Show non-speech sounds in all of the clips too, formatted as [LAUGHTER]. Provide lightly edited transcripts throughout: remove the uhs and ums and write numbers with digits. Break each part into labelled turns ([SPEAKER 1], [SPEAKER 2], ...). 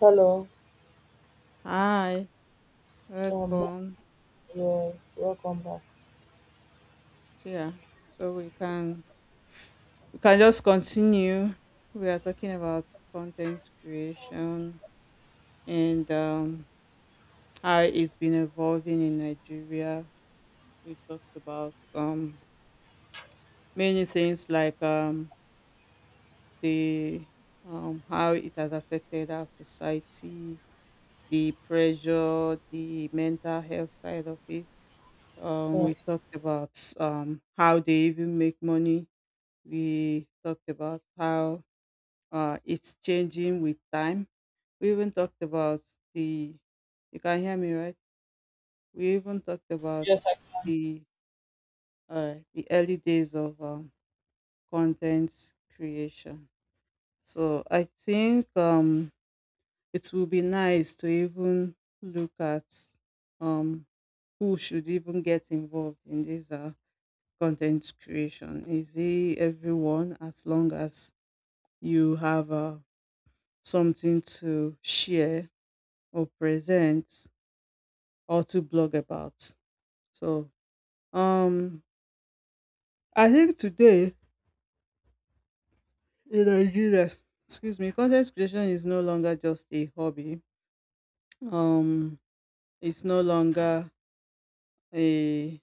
[SPEAKER 1] Hello.
[SPEAKER 2] Hi,
[SPEAKER 1] Um.
[SPEAKER 2] welcome.
[SPEAKER 1] Yes. Welcome back.
[SPEAKER 2] So, yeah, so we can just continue. We are talking about content creation and, how it's been evolving in Nigeria. We talked about many things, like the how it has affected our society, the pressure, the mental health side of it.
[SPEAKER 1] Um,
[SPEAKER 2] We talked about how they even make money. We talked about how, it's changing with time. We even talked about the. You can hear me, right? We even talked about
[SPEAKER 1] yes. I,
[SPEAKER 2] the the early days of content creation. So I think it will be nice to even look at, um, who should even get involved in this, content creation. Is it everyone, as long as you have a something to share or present or to blog about? So um I think today in Nigeria, excuse me, content creation is no longer just a hobby. Um it's no longer a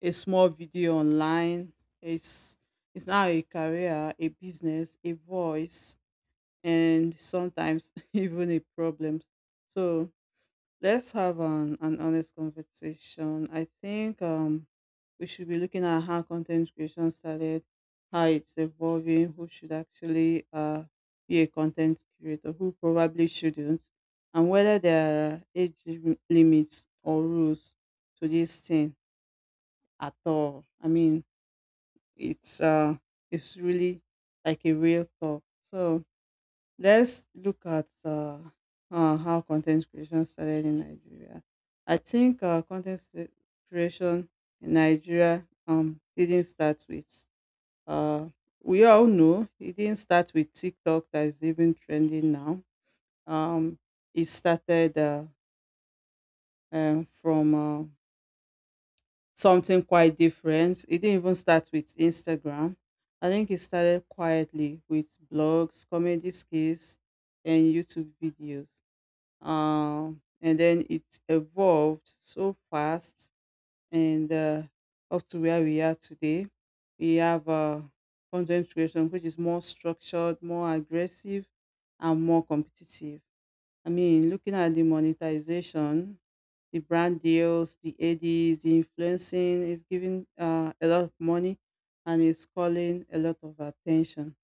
[SPEAKER 2] a small video online. It's it's now a career, a business, a voice, and sometimes [LAUGHS] even a problem. So let's have an honest conversation. I think we should be looking at how content creation started, how it's evolving, who should actually be a content creator, who probably shouldn't, and whether there are age limits or rules to this thing at all. I mean, it's uh it's really like a real talk. So let's look at, how content creation started in Nigeria. I think, content creation in Nigeria, didn't start with, uh, we all know it didn't start with TikTok, that is even trending now. Um, it started from something quite different. It didn't even start with Instagram. I think it started quietly with blogs, comedy skits, and YouTube videos, and then it evolved so fast, and, up to where we are today. We have, content creation, which is more structured, more aggressive, and more competitive. I mean, looking at the monetization, the brand deals, the ads, the influencing is giving, a lot of money, and is calling a lot of attention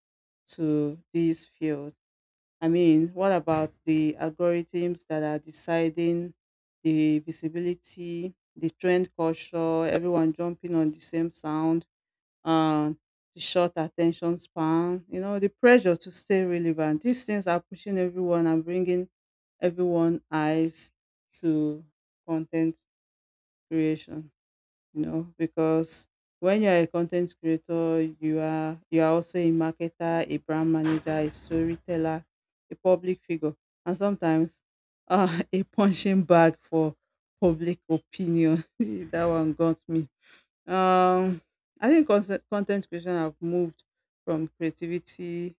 [SPEAKER 2] to these fields. I mean, what about the algorithms that are deciding the visibility, the trend culture, everyone jumping on the same sound, um, the short attention span, the pressure to stay relevant. These things are pushing everyone and bringing everyone eyes to content creation, because when you're a content creator, you are also a marketer, a brand manager, a storyteller, a public figure, and sometimes, [LAUGHS] a punching bag for public opinion. [LAUGHS] That one got me. um, I think content creation have moved from creativity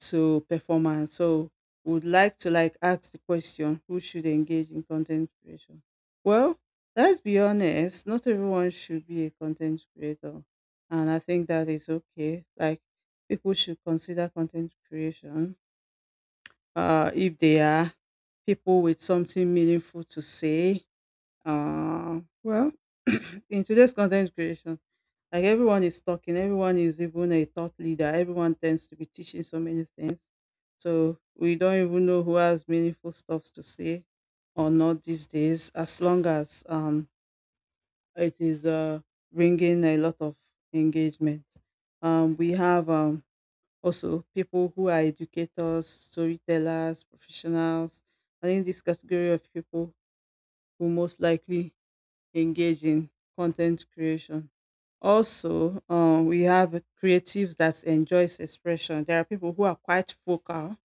[SPEAKER 2] to performance. So, would like to like ask the question: who should engage in content creation? Well, let's be honest. Not everyone should be a content creator, and I think that is okay. Like, people should consider content creation. If they are people with something meaningful to say. Well, [CLEARS THROAT] in today's content creation, like, everyone is talking, everyone is even a thought leader. Everyone tends to be teaching so many things. So we don't even know who has meaningful stuff to say or not these days, as long as, it is, bringing a lot of engagement. We have, also people who are educators, storytellers, professionals. I think this category of people will most likely engage in content creation. Also, we have creatives that enjoys expression. There are people who are quite vocal,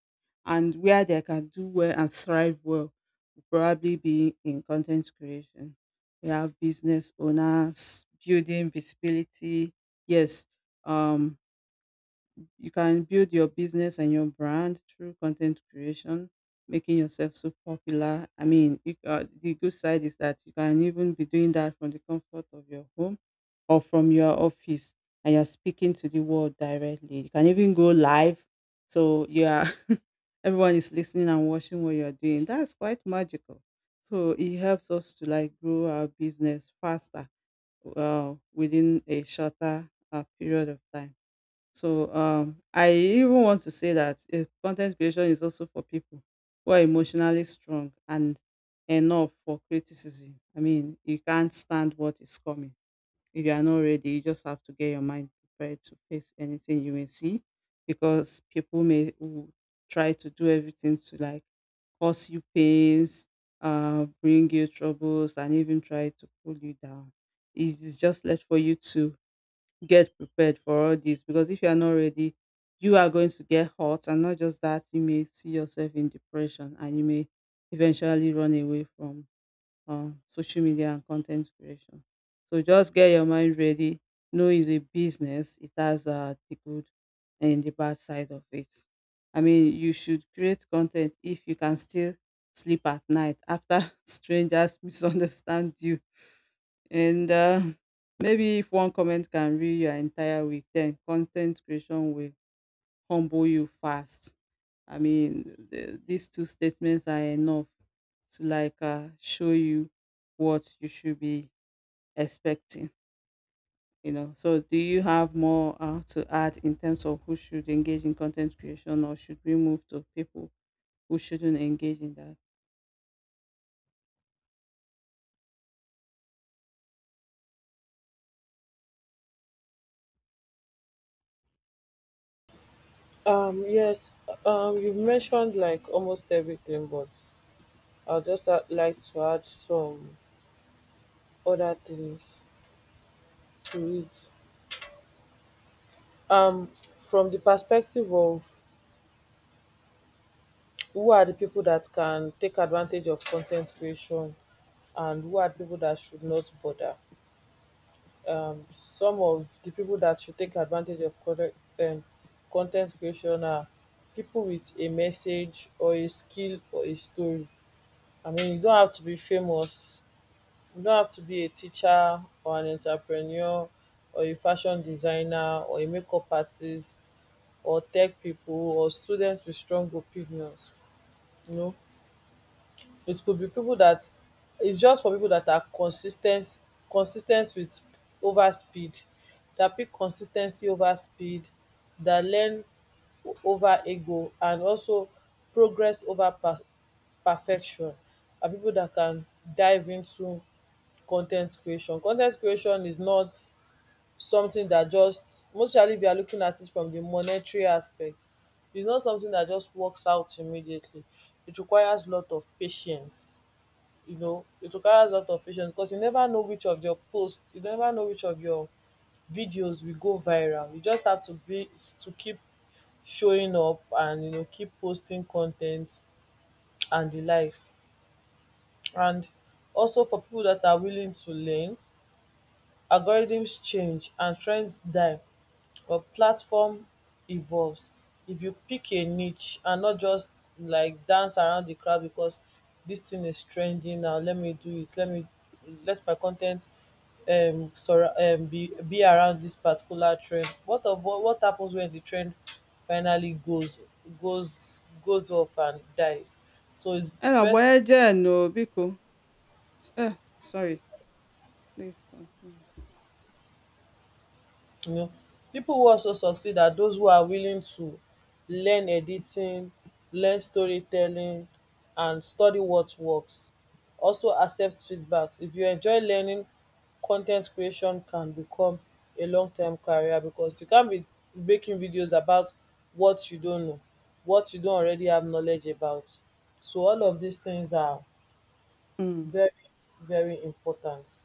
[SPEAKER 2] and where they can do well and thrive well will probably be in content creation. We have business owners, building visibility. Yes, um, you can build your business and your brand through content creation, making yourself so popular. I mean, the good side is that you can even be doing that from the comfort of your home or from your office, and you're speaking to the world directly. You can even go live, so yeah, [LAUGHS] everyone is listening and watching what you're doing. That's quite magical. So it helps us to like grow our business faster, within a shorter, period of time. So, I even want to say that if content creation is also for people who are emotionally strong and enough for criticism. I mean, you can't stand what is coming. If you are not ready, you just have to get your mind prepared to face anything you may see, because people may try to do everything to like cause you pains, bring you troubles, and even try to pull you down. It is just left for you to get prepared for all this, because if you are not ready, you are going to get hot, and not just that, you may see yourself in depression, and you may eventually run away from social media and content creation. So just get your mind ready. Know it's a business. It has, the good and the bad side of it. I mean, you should create content if you can still sleep at night after [LAUGHS] strangers misunderstand you. And, maybe if one comment can ruin your entire week, then content creation will humble you fast. I mean, these two statements are enough to like, show you what you should be expecting. You know, so do you have more, to add in terms of who should engage in content creation, or should we move to people who shouldn't engage in that?
[SPEAKER 1] um. Yes. You've mentioned like almost everything, but I'll just like to add some other things to it. Um. From the perspective of who are the people that can take advantage of content creation, and who are the people that should not bother. Some of the people that should take advantage of um, content creation are people with a message or a skill or a story. I mean, you don't have to be famous. You don't have to be a teacher or an entrepreneur or a fashion designer or a makeup artist or tech people or students with strong opinions. You know, it could be people that it's just for people that are consistent with over speed, that pick consistency over speed, that learn over ego, and also progress over perfection are people that can dive into content creation. Content creation is not something that, just mostly if you are looking at it from the monetary aspect, it's not something that just works out immediately. It requires lot of patience. You know, it requires a lot of patience because you never know which of your posts, you never know which of your videos will go viral. You just have to be to keep showing up, and you know, keep posting content and the likes. And also for people that are willing to learn, algorithms change and trends die, but platform evolves. If you pick a niche and not just like dance around the crowd because this thing is trending now, let me do it, let me let my content sorry be around this particular trend, what of what happens when the trend finally goes off and dies. So it's
[SPEAKER 2] Eh, agba
[SPEAKER 1] best,
[SPEAKER 2] eje no, biko. Eh, sorry, please continue.
[SPEAKER 1] you know. People who also succeed are those who are willing to learn editing, learn storytelling, and study what works. Also accept feedbacks. If you enjoy learning, con ten t creation can become a long term career because you can't be making videos about what you don't know, what you don't already have knowledge about. So all of these things are
[SPEAKER 2] Mm,
[SPEAKER 1] very, very important.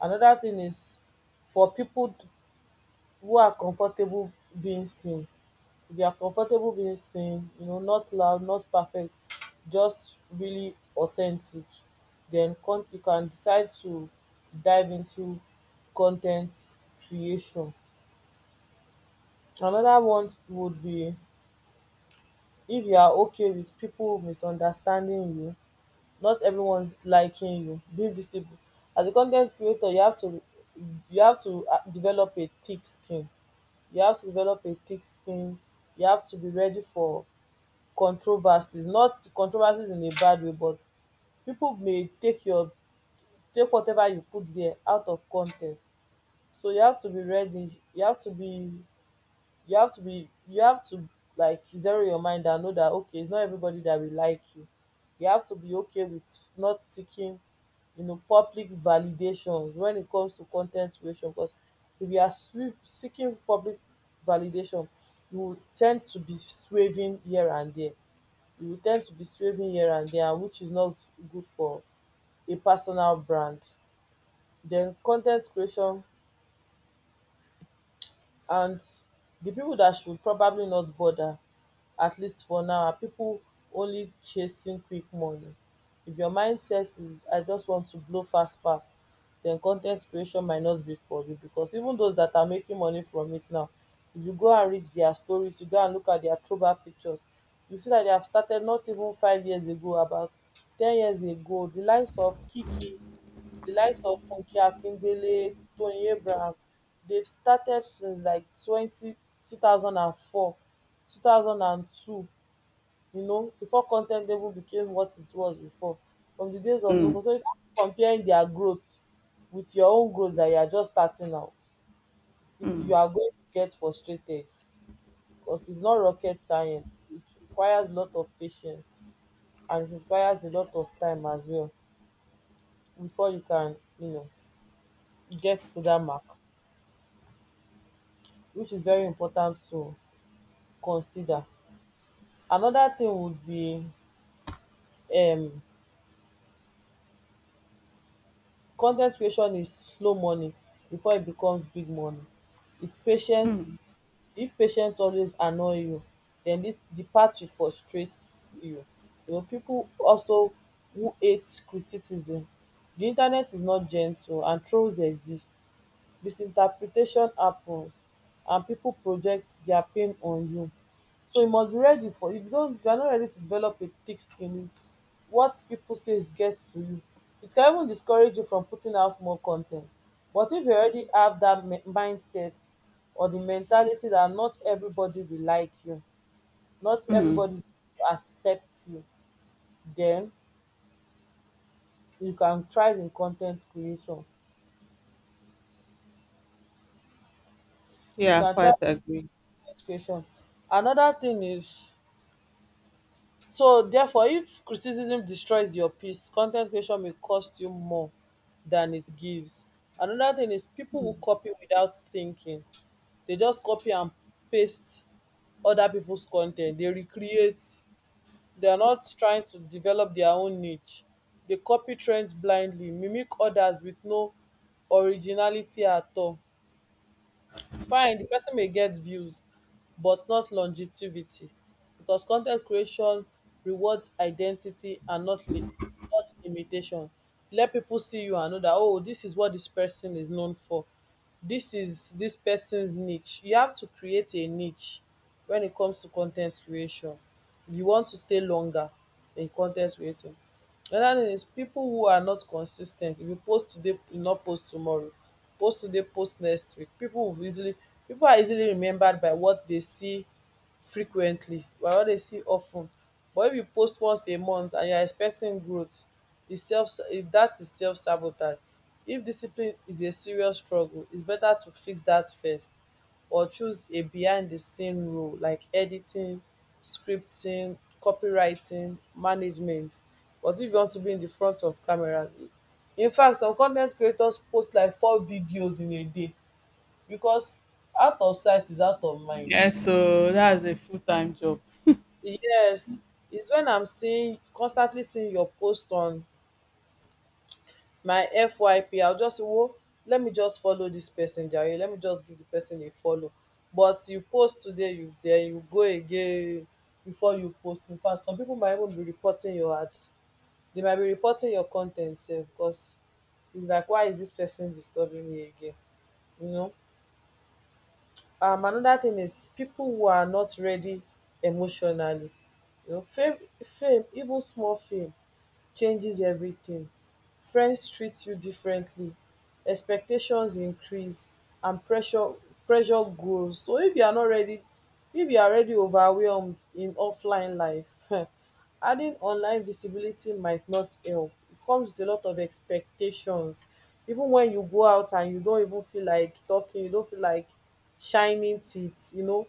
[SPEAKER 1] Another thing is for people who are comfortable being seen. If you are comfortable being seen, you know, not loud, not perfect, just really authentic, then con you can decide to dive into con ten t creation. Another one would be if you are okay with people misunderstanding you, not everyone liking you. Be visible as a con ten t creator. You have to, develop a thick skin. You have to develop a thick skin You have to be ready for controversies, not controversies in a bad way, but people may take your take whatever you put there out of context. So you have to be ready, you have to be you have to be you have to like zero your mind and know that okay, it's not everybody that will like you. You have to be okay with not seeking, you know, public validations when it comes to content creation because if you are seeking public validation, you will tend to be swerving here and there. You will tend to be swerving here and there, And which is not good for a personal brand. Then content creation, and the people that should probably not bother, at least for now, and people only chasing quick money. If your mindset is I just want to blow fast fast, then con ten t creation might not be for you because even those that are making money from it now, if you go and read their stories, you go and look at their throwback pictures, you see that they have started not even 5 years ago, about 10 years ago. The likes of Kiki, the likes of Funke Akindele, Tony Abraham, they've started since like twenty two thousand and 2002, you know, before content even became what it was before, from the days of
[SPEAKER 2] mm,
[SPEAKER 1] Noko. So you can't be comparing their growth with your own growth that you are just starting out. It, you are going to get frustrated because it's not rocket science. It requires a lot of patience, and it requires a lot of time as well before you can, you know, get to that mark, which is very important to consider. Another thing would be um con ten t creation is slow money before it becomes big money. It's patience.
[SPEAKER 2] mm,
[SPEAKER 1] If patience always annoy you, then this the path will frustrate you. You know, people also who hate criticism. The internet is not gentle and trolls exist. Misinterpretation happens and people project their pain on you. So you must be ready for, if you are not ready to develop a thick skin, what people says gets to you. It can even discourage you from putting out more content. But if you already have that mindset or the mentality that not everybody will like you, not
[SPEAKER 2] mm.
[SPEAKER 1] everybody will accept you, then you can thrive in content creation. You
[SPEAKER 2] Yeah, I
[SPEAKER 1] can thrive
[SPEAKER 2] quite
[SPEAKER 1] in
[SPEAKER 2] agree.
[SPEAKER 1] con creation. Another thing is, so therefore, if criticism destroys your peace, content creation may cost you more than it gives. Another thing is people will copy without thinking. They just copy and paste other people's content. They recreate. They are not trying to develop their own niche. They copy trends blindly, mimic others with no originality at all. Fine di pesin may get views but not longevity, becos con ten t creation rewards identity and not imitation. Let pipo see you and know dat, oh, dis is what dis pesin is known for. Dis is dis pesin's niche. You have to create a niche wen it comes to con ten t creation if you want to stay longer in con ten t creating. Another thing is people who are not consis ten t. If you post today, you not post tomorrow. Post today, post next week. People are easily remembered by what they see frequently, by what they see of ten. But if you post once a month and you are expecting growth, e self if that is self sabotage. If discipline is a serious struggle, its better to fix that first, or choose a behind-the-scene role like editing, scripting, copywriting, management. But if you want to be in the front of cameras, in fact, some con ten t creators post like four videos in a day because out of sight is out of mind.
[SPEAKER 2] Yeah, so that's a full time job.
[SPEAKER 1] Yes, it's when I'm seeing constantly seeing your post on my fyp, I will just say, oh, let me just follow this person jare, let me just give the person a follow. But you post today, you then you go again before you post. In fact, some people might even be reporting your ad, they might be reporting your con ten t sef because it's like, why is this person disturbing me again, you know. Another thing is people who are not ready emotionally. You know, fame, even small fame changes everything. Friends treat you differently, expectations increase, and pressure grows. So if you are not ready, if you are already overwhelmed in offline life, [LAUGHS] adding online visibility might not help. It comes with a lot of expectations. Even when you go out and you don't even feel like talking, you don't feel like shining teeth, you know,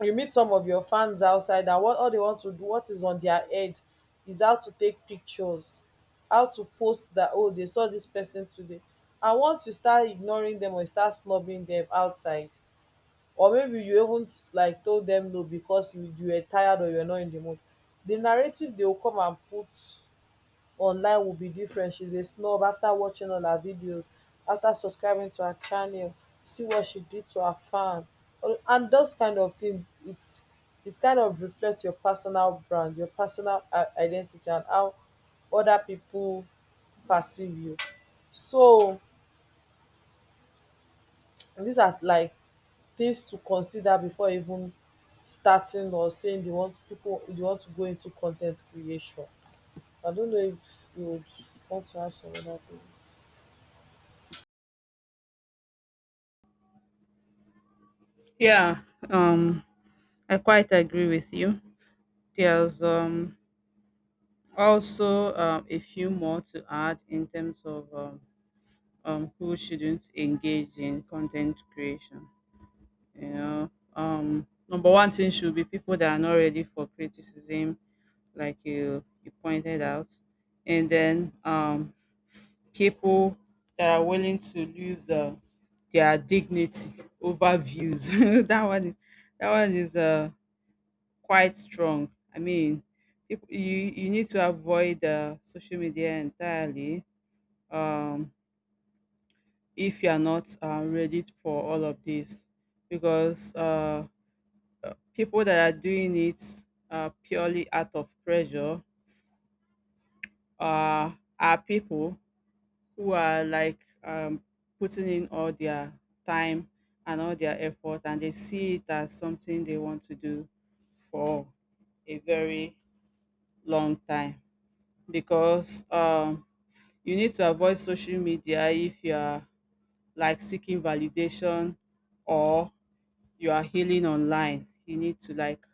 [SPEAKER 1] you meet some of your fans outside, and what all they want to do, what is on their head, is how to take pictures, how to post that, oh, they saw this person today. And once you start ignoring them, or you start snubbing them outside, or maybe you haven't like told them no because you were tired or you're not in the mood, the narrative they will come and put online will be different. She's a snob. After watching all her videos, after subscribing to her channel, see what she did to her fan. And those kind of things, it's it kind of reflects your personal brand, your personal identity, and how other people perceive you. So these are like things to consider before even starting, or saying you want people you want to go into content creation. I don't know if you would want to ask some other thing.
[SPEAKER 2] Yeah, um, I quite agree with you. There's, also, a few more to add in terms of, who shouldn't engage in content creation. You know, number one thing should be people that are not ready for criticism, like you pointed out, and then, people that are willing to lose, their dignity over views. [LAUGHS] That one is, quite strong. I mean, peop you you need to avoid, social media entirely, um, if you are not, ready for all of this, because, people that are doing it, purely out of pressure, uh, are people who are like, putting in all their time and all their effort, and they see it as something they want to do for a very long time. Because, you need to avoid social media if you are like seeking validation or you are healing online. You need to like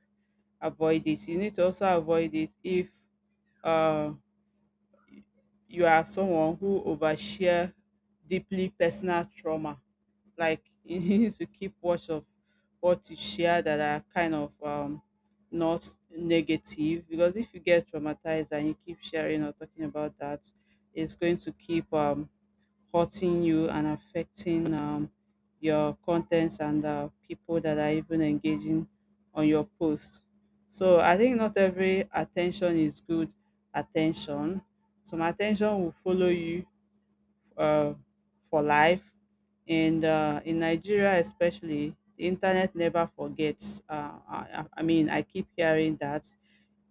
[SPEAKER 2] avoid it. You need to also avoid it if, uh, you are someone who overshare deeply personal trauma. Like, [LAUGHS] you need to keep watch of what you share that are kind of not negative, because if you get traumatized and you keep sharing or talking about that, it's going to keep hurting you and affecting, your contents, and, people that are even engaging on your post. So I think not every attention is good attention. Some attention will follow you, uh, for life. And, in Nigeria, especially, the internet never forgets. I mean, I keep hearing that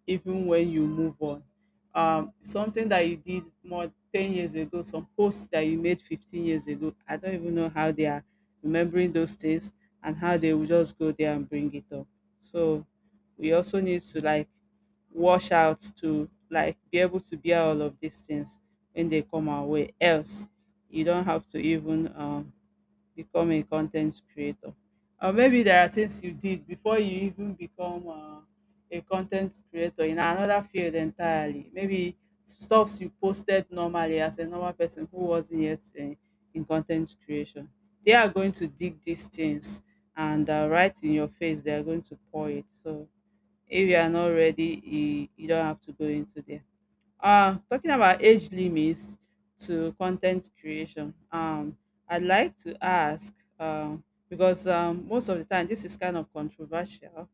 [SPEAKER 2] even when you move on. Something that you did more 10 years ago, some posts that you made 15 years ago, I don't even know how they are remembering those things and how they will just go there and bring it up. So we also need to like wash out to like be able to bear all of these things when they come our way. Else, you don't have to even, become a content creator? Or maybe there are things you did before you even become, a content creator in another field entirely. Maybe stuffs you posted normally as a normal person who wasn't yet in content creation. They are going to dig these things, and, right in your face, they are going to pour it. So if you are not ready, you don't have to go into there. Talking about age limits to content creation, I'd like to ask, because, most of the time this is kind of controversial.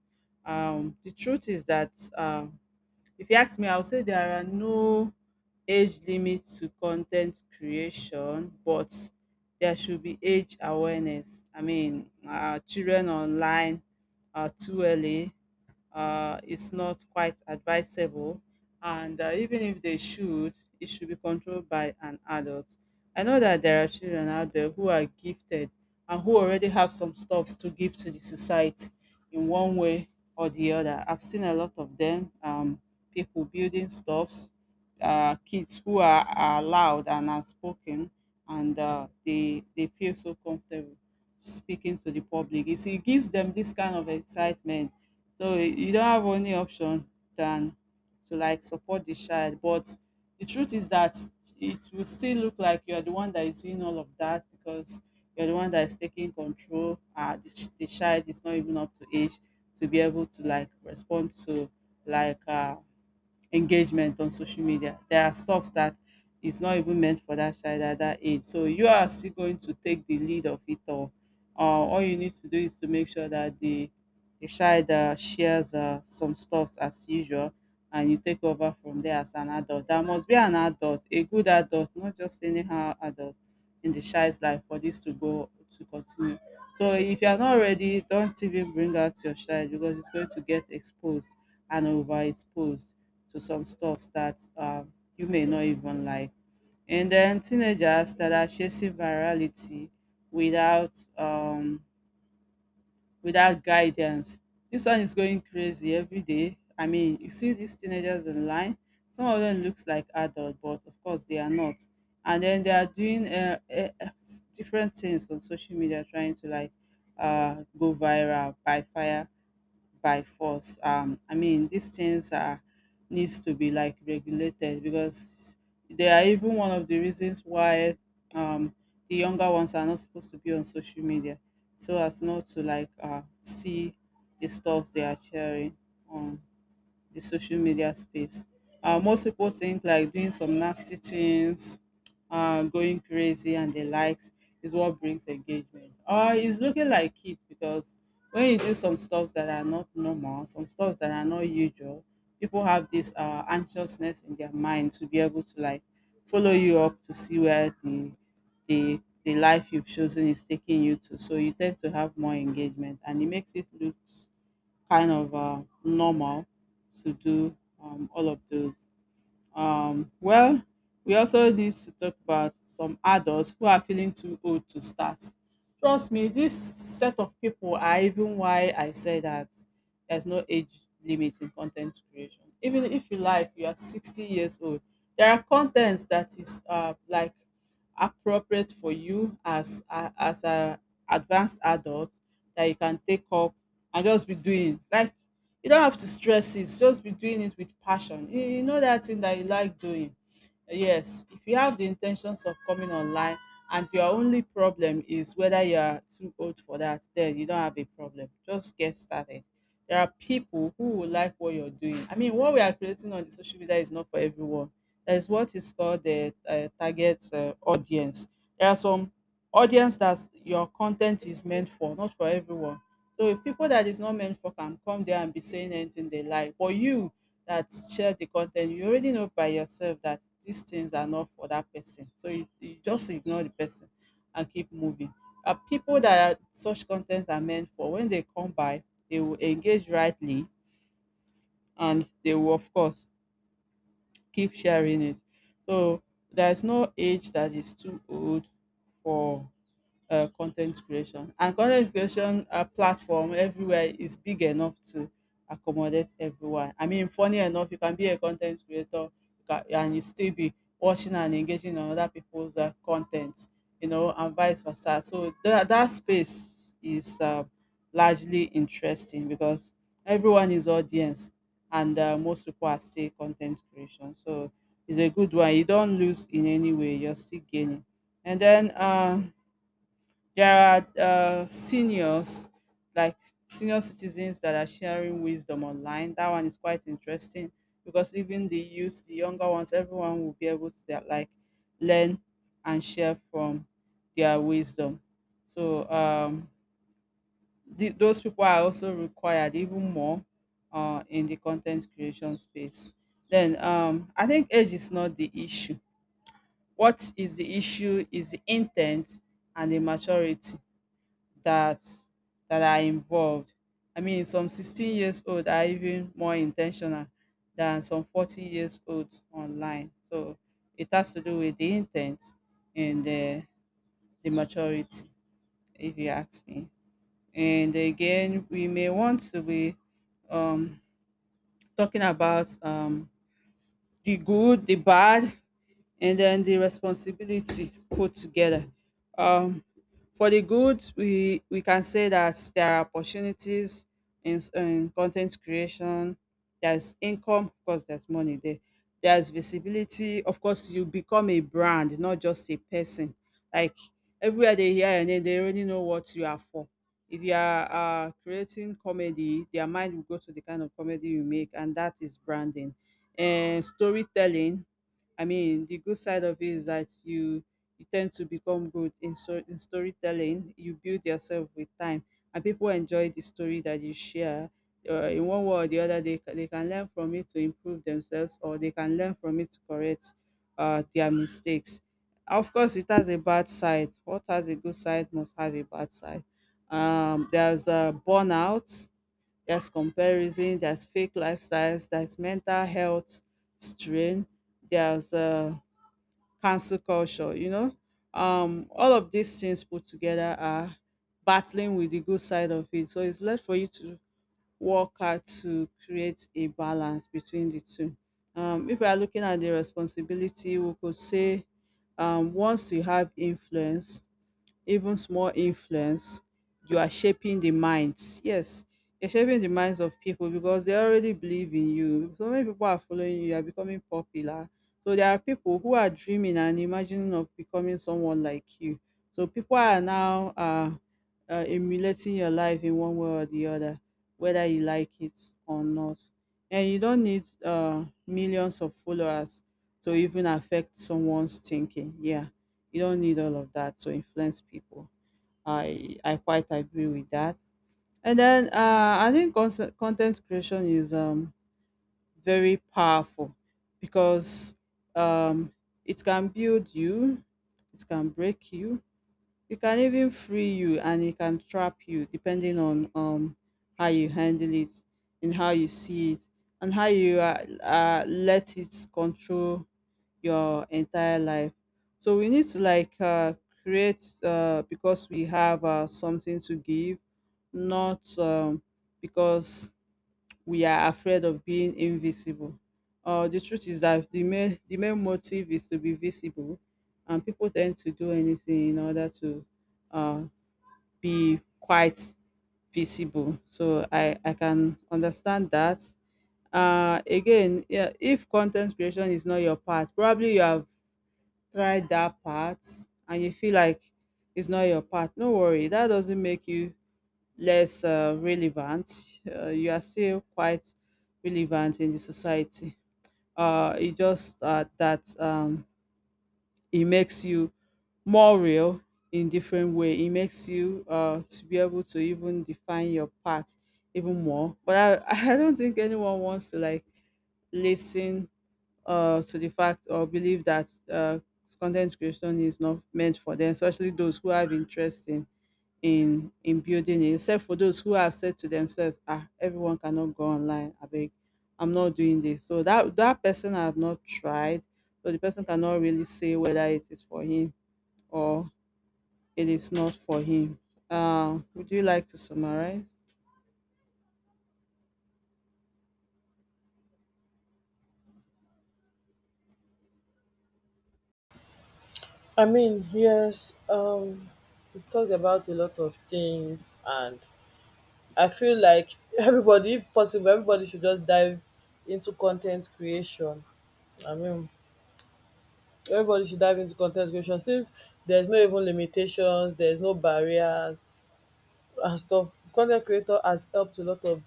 [SPEAKER 2] The truth is that, um, if you ask me, I would say there are no age limit to content creation, but there should be age awareness. I mean, children online are too early. It's not quite advisable. And, even if they should, it should be controlled by an adult. I know that there are children out there who are gifted and who already have some stuffs to give to the society in one way or the other. I've seen a lot of them, people building stuffs, kids who are loud and outspoken, and, they feel so comfortable speaking to the public. It gives them this kind of excitement. So you don't have any option than to like support the child. But the truth is that it will still look like you are the one that is doing all of that because you're the one that is taking control. The child is not even up to age to be able to like respond to like engagement on social media. There are stuff that is not even meant for that child at that age. So you are still going to take the lead of it all. All you need to do is to make sure that the child shares some stuff as usual, and you take over from there as an adult. There must be an adult, a good adult, not just anyhow adult in the child's life for this to go to continue. So if you are not ready, don't even bring out your child because it's going to get exposed and overexposed to some stuffs that you may not even like. And then teenagers that are chasing virality without without guidance. This one is going crazy every day. I mean, you see these teenagers online. Some of them looks like adult, but of course they are not. And then they are doing different things on social media, trying to like go viral by fire by force. I mean, these things are needs to be like regulated because they are even one of the reasons why um, the younger ones are not supposed to be on social media, so as not to like see the stuff they are sharing on the social media space. Most people think like doing some nasty things, going crazy and the likes is what brings engagement. Or it's looking like it because when you do some stuff that are not normal, some stuff that are not usual, people have this anxiousness in their mind to be able to like follow you up to see where the life you've chosen is taking you to. So you tend to have more engagement and it makes it look kind of normal to do all of those. Well, we also need to talk about some adults who are feeling too old to start. Trust me, this set of people are even why I say that there's no age limit in content creation. Even if you like, you are 60 years old. There are contents that is like appropriate for you as a advanced adult that you can take up and just be doing. Like you don't have to stress it, just be doing it with passion. You know that thing that you like doing. Yes, if you have the intentions of coming online and your only problem is whether you are too old for that, then you don't have a problem. Just get started. There are people who will like what you're doing. I mean, what we are creating on the social media is not for everyone. There's what is called the target audience. There are some audience that your content is meant for, not for everyone. So if people that is not meant for can come there and be saying anything they like, but you that share the content, you already know by yourself that these things are not for that person. So you just ignore the person and keep moving. People that are, such content are meant for, when they come by, they will engage rightly and they will, of course, keep sharing it. So there's no age that is too old for content creation. And content creation platform everywhere is big enough to accommodate everyone. I mean, funny enough, you can be a content creator, and you still be watching and engaging on other people's content, you know, and vice versa. So that space is largely interesting because everyone is audience and most people are still content creation. So it's a good one. You don't lose in any way. You're still gaining. And then there are seniors, like senior citizens that are sharing wisdom online. That one is quite interesting because even the youth, the younger ones, everyone will be able to like learn and share from their wisdom. So those people are also required even more in the content creation space. Then I think age is not the issue. What is the issue is the intent and the maturity that that are involved. I mean, some 16 years old are even more intentional than some 40 years olds online. So it has to do with the intent and the maturity, if you ask me. And again, we may want to be um, talking about the good, the bad, and then the responsibility put together. Um, for the good, we can say that there are opportunities in content creation. There's income, of course. There's money there. There's visibility, of course. You become a brand, not just a person. Like everywhere they hear your name, they already know what you are for. If you are creating comedy, their mind will go to the kind of comedy you make, and that is branding. And storytelling, I mean, the good side of it is that you tend to become good in storytelling. You build yourself with time, and people enjoy the story that you share. In one way or the other, they can learn from it to improve themselves, or they can learn from it to correct their mistakes. Of course, it has a bad side. What has a good side must have a bad side. There's burnout, there's comparison, there's fake lifestyles, there's mental health strain, there's cancel culture, you know. All of these things put together are battling with the good side of it. So it's left for you to work hard to create a balance between the two. If we are looking at the responsibility, we could say once you have influence, even small influence, you are shaping the minds. Yes, you're shaping the minds of people because they already believe in you. So many people are following you, you are becoming popular. So there are people who are dreaming and imagining of becoming someone like you. So people are now emulating your life in one way or the other, whether you like it or not. And you don't need millions of followers to even affect someone's thinking. Yeah, you don't need all of that to influence people. I quite agree with that, and then I think content creation is very powerful because um it can build you, it can break you, it can even free you, and it can trap you depending on how you handle it, and how you see it, and how you let it control your entire life. So we need to like create because we have something to give, not because we are afraid of being invisible. The truth is that the main motive is to be visible, and people tend to do anything in order to uh, be quite visible. So I can understand that. Again, yeah, if content creation is not your part, probably you have tried that part and you feel like it's not your part. No worry, that doesn't make you less relevant. You are still quite relevant in the society. It just that It makes you more real in different way. It makes you to be able to even define your path even more. But [LAUGHS] I don't think anyone wants to like listen to the fact or believe that content creation is not meant for them, especially those who have interest in building it, except for those who have said to themselves, ah, everyone cannot go online. I beg, I'm not doing this. So that person have not tried, so the person cannot really say whether it is for him or it is not for him. Would you like to summarize?
[SPEAKER 1] I mean, yes, we've talked about a lot of things, and I feel like [LAUGHS] everybody, if possible, everybody should just dive into content creation. I mean, everybody should dive into content creation since there's no even limitations, there's no barriers and stuff. Con ten t creator has helped a lot of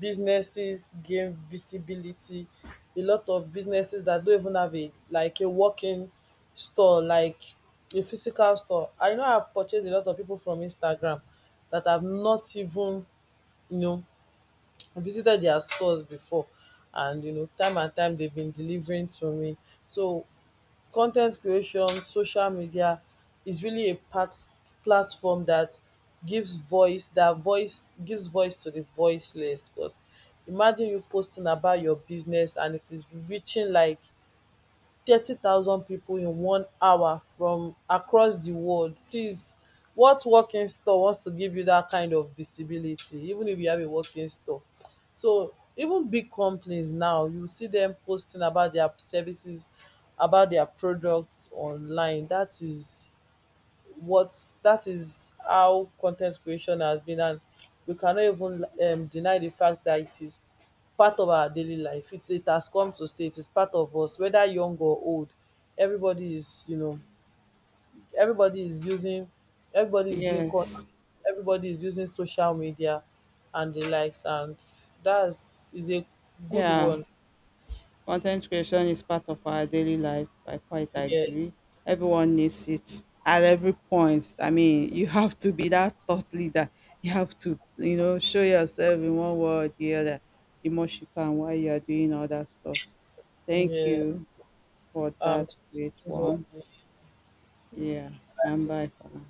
[SPEAKER 1] businesses gain visibility. A lot of businesses that don't even have a like a working store, like a physical store. I know I've purchased a lot of people from Instagram that have not even, you know, visited their stores before. And you know, time and time they've been delivering to me. So con ten t creation, social media is really a pat platform that gives voice to the voiceless because imagine you posting about your business and it is reaching like 30,000 pipo in 1 hour from across di world. Please, what working store wants to give you dat kind of visibility, even if you have a working store? So even big companies now, you see dem posting about their services, about their products online. That is what that is how content creation has been, and we cannot even deny the fact that it is part of our daily life. It has come to stay. It is part of us, whether young or old, everybody is, you know, everybody is using everybody is doing con
[SPEAKER 2] Yes.
[SPEAKER 1] everybody is using social media and the likes, and that's is a good
[SPEAKER 2] Yeah.
[SPEAKER 1] one.
[SPEAKER 2] Content creation is part of our daily life. I quite
[SPEAKER 1] Yeah,
[SPEAKER 2] agree. Everyone needs it at every point. I mean, you have to be that thought leader. You have to, you know, show yourself in one way or the other the most you can while you are doing other stuff. Thank
[SPEAKER 1] yeah,
[SPEAKER 2] you for
[SPEAKER 1] um
[SPEAKER 2] that great
[SPEAKER 1] so,
[SPEAKER 2] one. Yeah, and bye for now.